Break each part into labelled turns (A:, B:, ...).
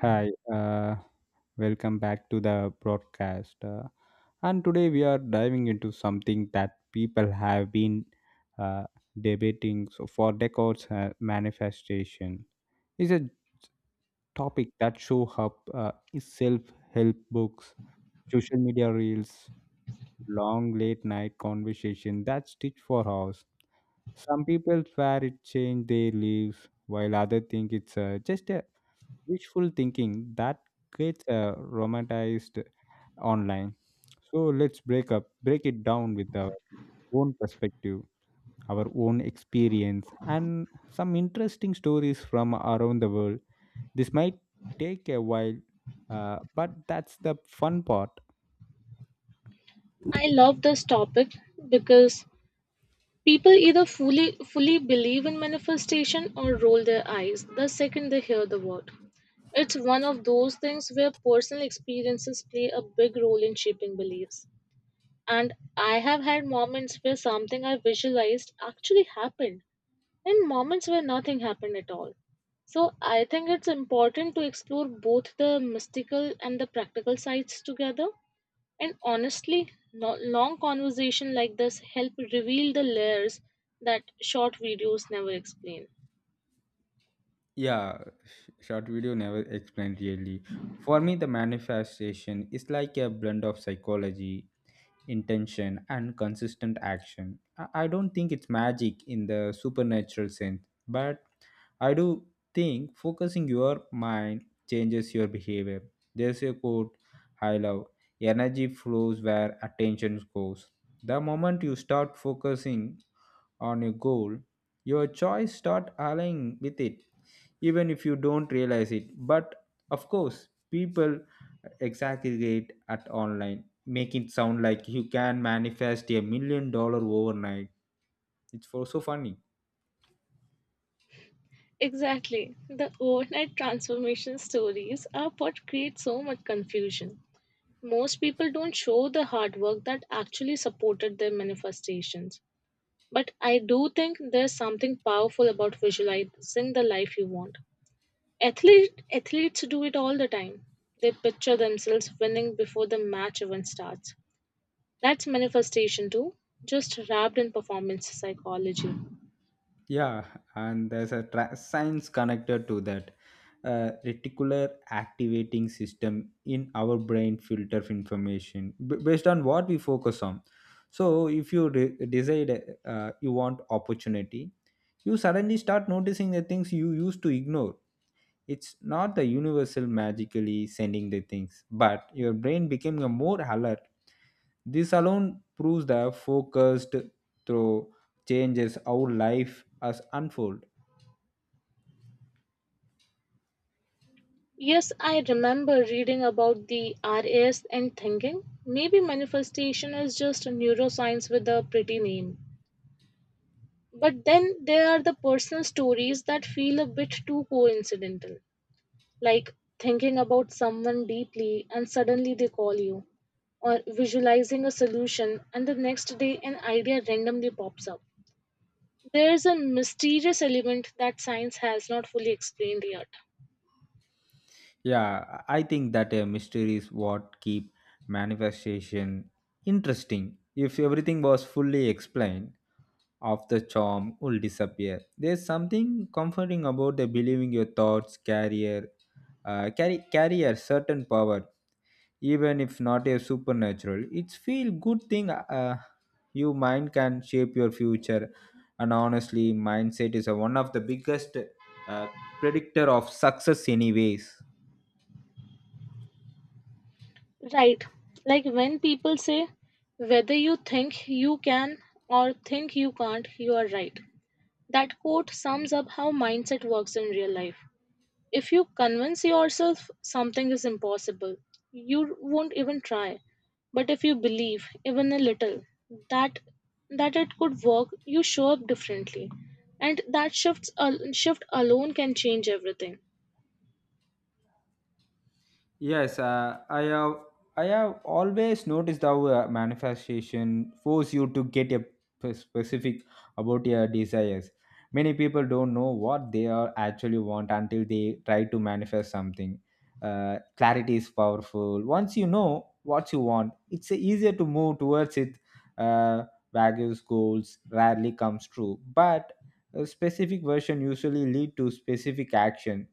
A: Hi, welcome back to the broadcast. And today we are diving into something that people have been uh, debating so for decades, manifestation is a topic that shows up in self help books, social media reels, long late night conversation that stitch for hours. Some people swear it changed their lives, while others think it's just a wishful thinking that gets romanticized online. So let's break it down with our own perspective, our own experience, and some interesting stories from around the world. This might take a while, but that's the fun part.
B: I love this topic because people either fully believe in manifestation or roll their eyes the second they hear the word. It's one of those things where personal experiences play a big role in shaping beliefs. And I have had moments where something I visualized actually happened, and moments where nothing happened at all. So I think it's important to explore both the mystical and the practical sides together. And honestly, long conversation like this help reveal the layers that short videos never explain.
A: Yeah, short video never explained really. For me, the manifestation is like a blend of psychology intention and consistent action. I don't think it's magic in the supernatural sense, but I do think focusing your mind changes your behavior. There's a quote I love: energy flows where attention goes. The moment you start focusing on a goal, your choice start aligning with it even if you don't realize it. But of course, people exaggerate at online, make it sound like you can manifest $1 million overnight. It's for so funny.
B: Exactly. The overnight transformation stories are what create so much confusion. Most people don't show the hard work that actually supported their manifestations. But I do think there's something powerful about visualizing the life you want. Athletes do it all the time. They picture themselves winning before the match even starts. That's manifestation too, just wrapped in performance psychology.
A: Yeah, and there's a science connected to that. Reticular activating system in our brain filter information based on what we focus on. So, if you decide, you want opportunity, you suddenly start noticing the things you used to ignore. It's not the universal magically sending the things, but your brain became a more alert. This alone proves the focused through changes how life has unfold.
B: Yes, I remember reading about the RAS and thinking maybe manifestation is just a neuroscience with a pretty name. But then there are the personal stories that feel a bit too coincidental, like thinking about someone deeply and suddenly they call you, or visualizing a solution and the next day an idea randomly pops up. There's a mysterious element that science has not fully explained yet.
A: Yeah, I think that a mystery is what keep manifestation interesting. If everything was fully explained, of the charm will disappear. There's something comforting about the believing your thoughts carrier, carry a certain power even if not a supernatural, it's feel good thing. You mind can shape your future, and honestly mindset is one of the biggest uh, predictor of success anyways.
B: Right. Like when people say, whether you think you can or think you can't, you are right. That quote sums up how mindset works in real life. If you convince yourself something is impossible, you won't even try. But if you believe, even a little, that that it could work, you show up differently. And that shift alone can change everything.
A: Yes, I have. I have always noticed how manifestation force you to get a specific about your desires. Many people don't know what they are actually want until they try to manifest something. Clarity is powerful. Once you know what you want, it's easier to move towards it. Uh, Values goals rarely comes true, but a specific version usually lead to specific action.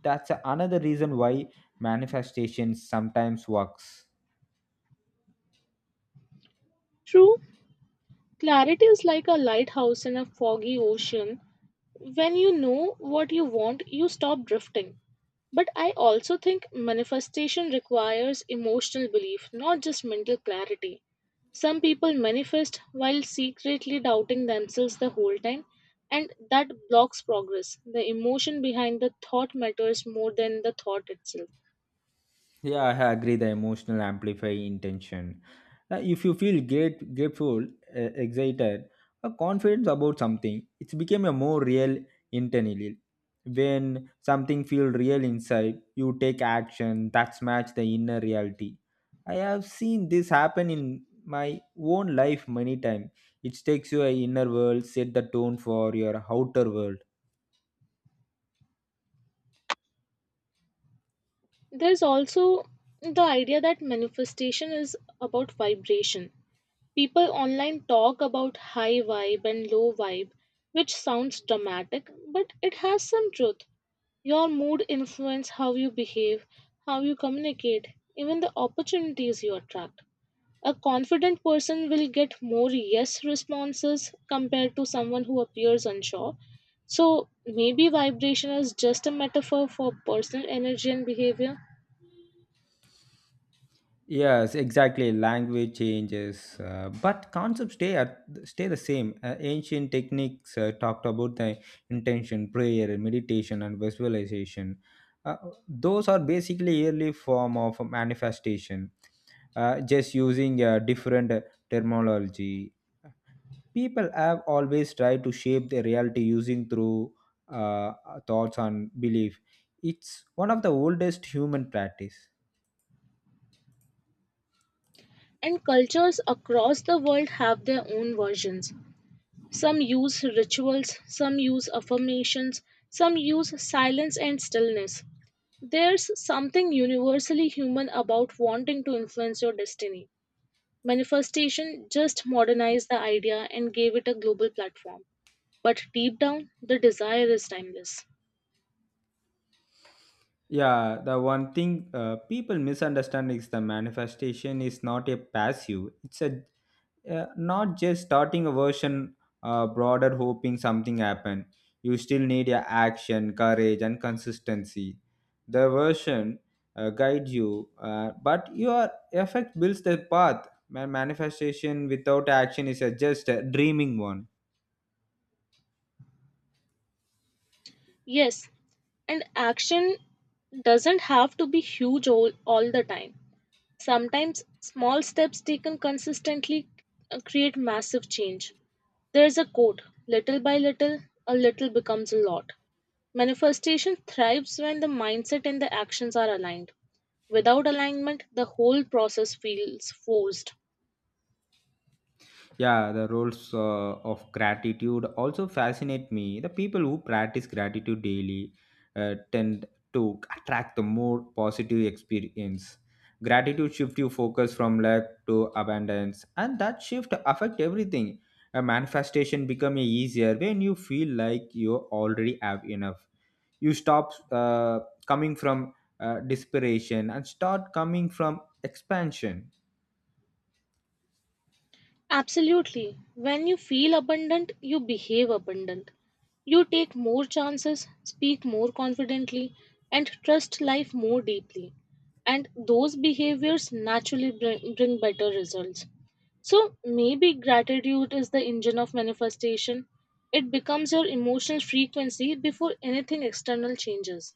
A: That's another reason why manifestations sometimes works.
B: True, clarity is like a lighthouse in a foggy ocean. When you know what you want, you stop drifting. But I also think manifestation requires emotional belief, not just mental clarity. Some people manifest while secretly doubting themselves the whole time, and that blocks progress. The emotion behind the thought matters more than the thought itself.
A: Yeah, I agree, the emotional amplify intention. If you feel great grateful, excited or confident about something, it became a more real internally. When something feel real inside, you take action that's match the inner reality. I have seen this happen in my own life many times. It takes your inner world set the tone for your outer world.
B: There's also the idea that manifestation is about vibration. People online talk about high vibe and low vibe, which sounds dramatic, but it has some truth. Your mood influences how you behave, how you communicate, even the opportunities you attract. A confident person will get more yes responses compared to someone who appears unsure. So maybe vibration is just a metaphor for personal energy and behavior.
A: Yes, exactly. Language changes, but concepts stay the same. Ancient techniques talked about the intention, prayer, meditation, and visualization. Uh, those are basically early form of manifestation. Just using different terminology, people have always tried to shape their reality using through uh, thoughts and belief. It's one of the oldest human practice.
B: And cultures across the world have their own versions. Some use rituals, some use affirmations, some use silence and stillness. There's something universally human about wanting to influence your destiny. Manifestation just modernized the idea and gave it a global platform. But deep down, the desire is timeless.
A: Yeah, the one thing people misunderstand is the manifestation is not a passive. It's a not just starting a version, broader hoping something happen. You still need your action, courage, and consistency. The version guides you, but your effect builds the path. Manifestation without action is a just a dreaming one.
B: Yes, and action doesn't have to be huge all the time. Sometimes small steps taken consistently create massive change. There is a quote, little by little, a little becomes a lot. Manifestation thrives when the mindset and the actions are aligned. Without alignment, the whole process feels forced.
A: Yeah, the roles of gratitude also fascinate me. The people who practice gratitude daily tend to attract the more positive experience. Gratitude shift you focus from lack to abundance, and that shift affect everything. A manifestation become easier when you feel like you already have enough. You stop coming from desperation and start coming from expansion.
B: Absolutely. When you feel abundant, you behave abundant. You take more chances, speak more confidently, and trust life more deeply. And those behaviors naturally bring better results. So maybe gratitude is the engine of manifestation. It becomes your emotional frequency before anything external changes.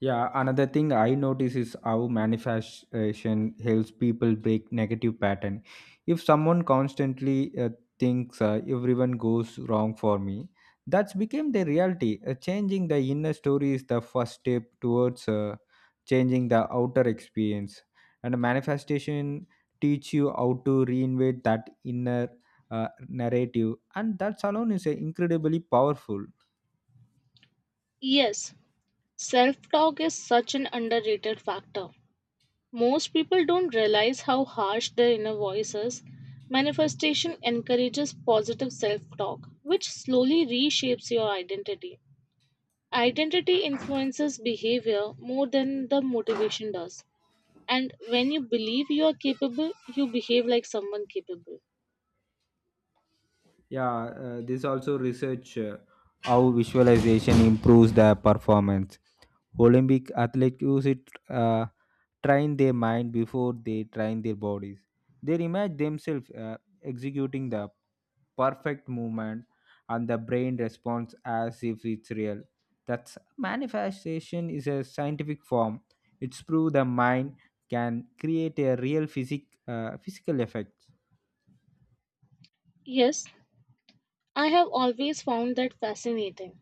A: Yeah, another thing I notice is how manifestation helps people break negative pattern. If someone constantly thinks everyone goes wrong for me, that's became the reality. Changing the inner story is the first step towards changing the outer experience. And manifestation teach you how to reinvent that inner narrative, and that alone is incredibly powerful.
B: Yes, self talk is such an underrated factor. Most people don't realize how harsh their inner voice is. Manifestation encourages positive self talk, which slowly reshapes your identity. Identity influences behavior more than the motivation does. And when you believe you are capable, you behave like someone capable.
A: Yeah, this also research how visualization improves their performance. Olympic athletes use it train their mind before they train their bodies. They imagine themselves executing the perfect movement, and the brain responds as if it's real. That's manifestation is a scientific form. It's prove the mind can create a real physical effect.
B: Yes, I have always found that fascinating.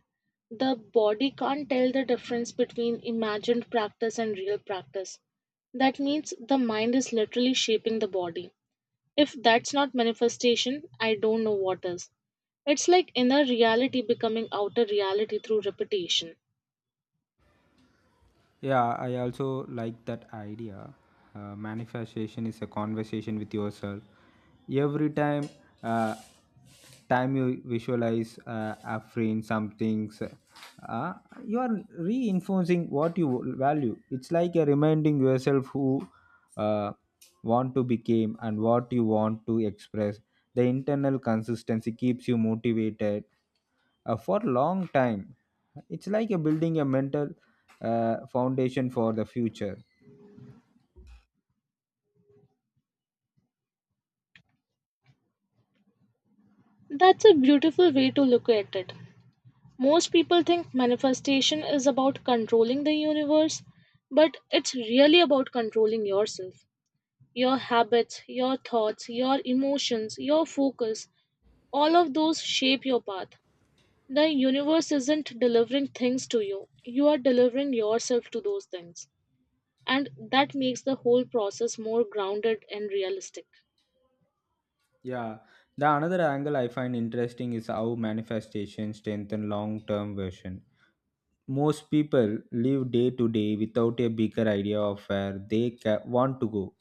B: The body can't tell the difference between imagined practice and real practice. That means the mind is literally shaping the body. If that's not manifestation, I don't know what is. It's like inner reality becoming outer reality through repetition.
A: Yeah, I also like that idea. Manifestation is a conversation with yourself. Every uh, time you visualize, affirm some things, uh, you are reinforcing what you value. It's like a reminding yourself who uh, want to become and what you want to express. The internal consistency keeps you motivated for long time. It's like a building a mental foundation for the future.
B: That's a beautiful way to look at it. Most people think manifestation is about controlling the universe, but it's really about controlling yourself. Your habits, your thoughts, your emotions, your focus, all of those shape your path. The universe isn't delivering things to you, you are delivering yourself to those things. And that makes the whole process more grounded and realistic.
A: Yeah, the another angle I find interesting is how manifestation strengthen long term vision. Most people live day to day without a bigger idea of where they want to go.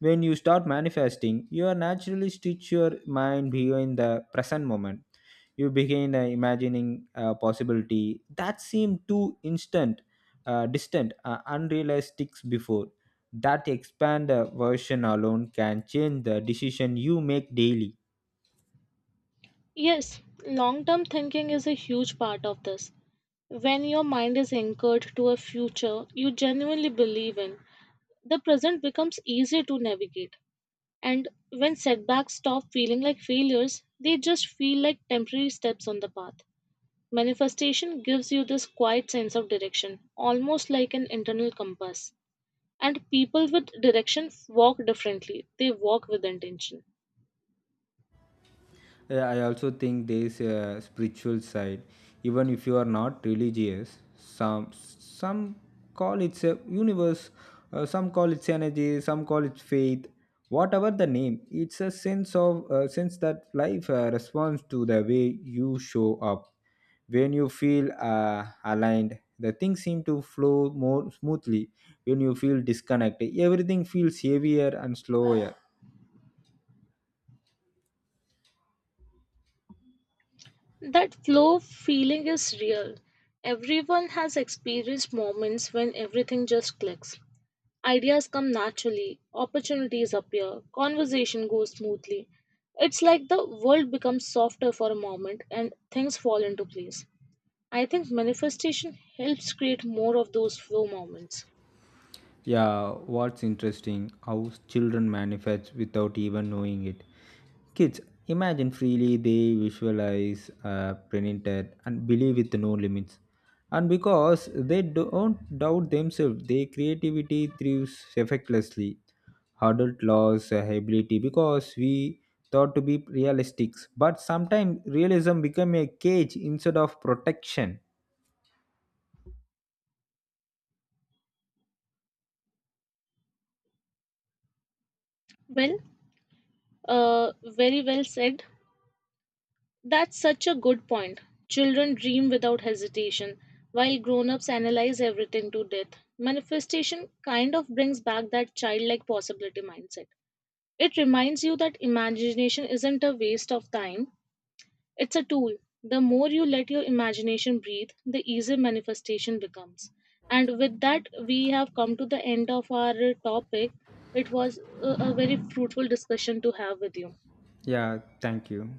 A: When you start manifesting, you are naturally stitch your mind behind the present moment. You begin imagining a possibility that seemed too distant, unrealistic before. That expand version alone can change the decision you make daily.
B: Yes, long term thinking is a huge part of this. When your mind is anchored to a future you genuinely believe in, the present becomes easier to navigate. And when setbacks stop feeling like failures, they just feel like temporary steps on the path. Manifestation gives you this quiet sense of direction, almost like an internal compass. And people with direction walk differently, they walk with intention.
A: I also think there's a spiritual side, even if you are not religious. Some call it a universe, some call it energy, some call it faith. Whatever the name, it's a sense that life responds to the way you show up. When you feel aligned, the things seem to flow more smoothly. When you feel disconnected, everything feels heavier and slower.
B: That flow feeling is real. Everyone has experienced moments when everything just clicks. Ideas come naturally, opportunities appear, conversation goes smoothly. It's like the world becomes softer for a moment and things fall into place. I think manifestation helps create more of those flow moments.
A: Yeah, what's interesting how children manifest without even knowing it. Kids imagine freely, they visualize, print it, and believe with no limits. And because they don't doubt themselves, their creativity thrives effortlessly. Adult loss ability because we thought to be realistic, but sometimes realism become a cage instead of protection.
B: Well, very well said. That's such a good point. Children dream without hesitation, while grown ups analyze everything to death. Manifestation kind of brings back that childlike possibility mindset. It reminds you that imagination isn't a waste of time, it's a tool. The more you let your imagination breathe, the easier manifestation becomes. And with that, we have come to the end of our topic. It was a very fruitful discussion to have with you.
A: Yeah, thank you.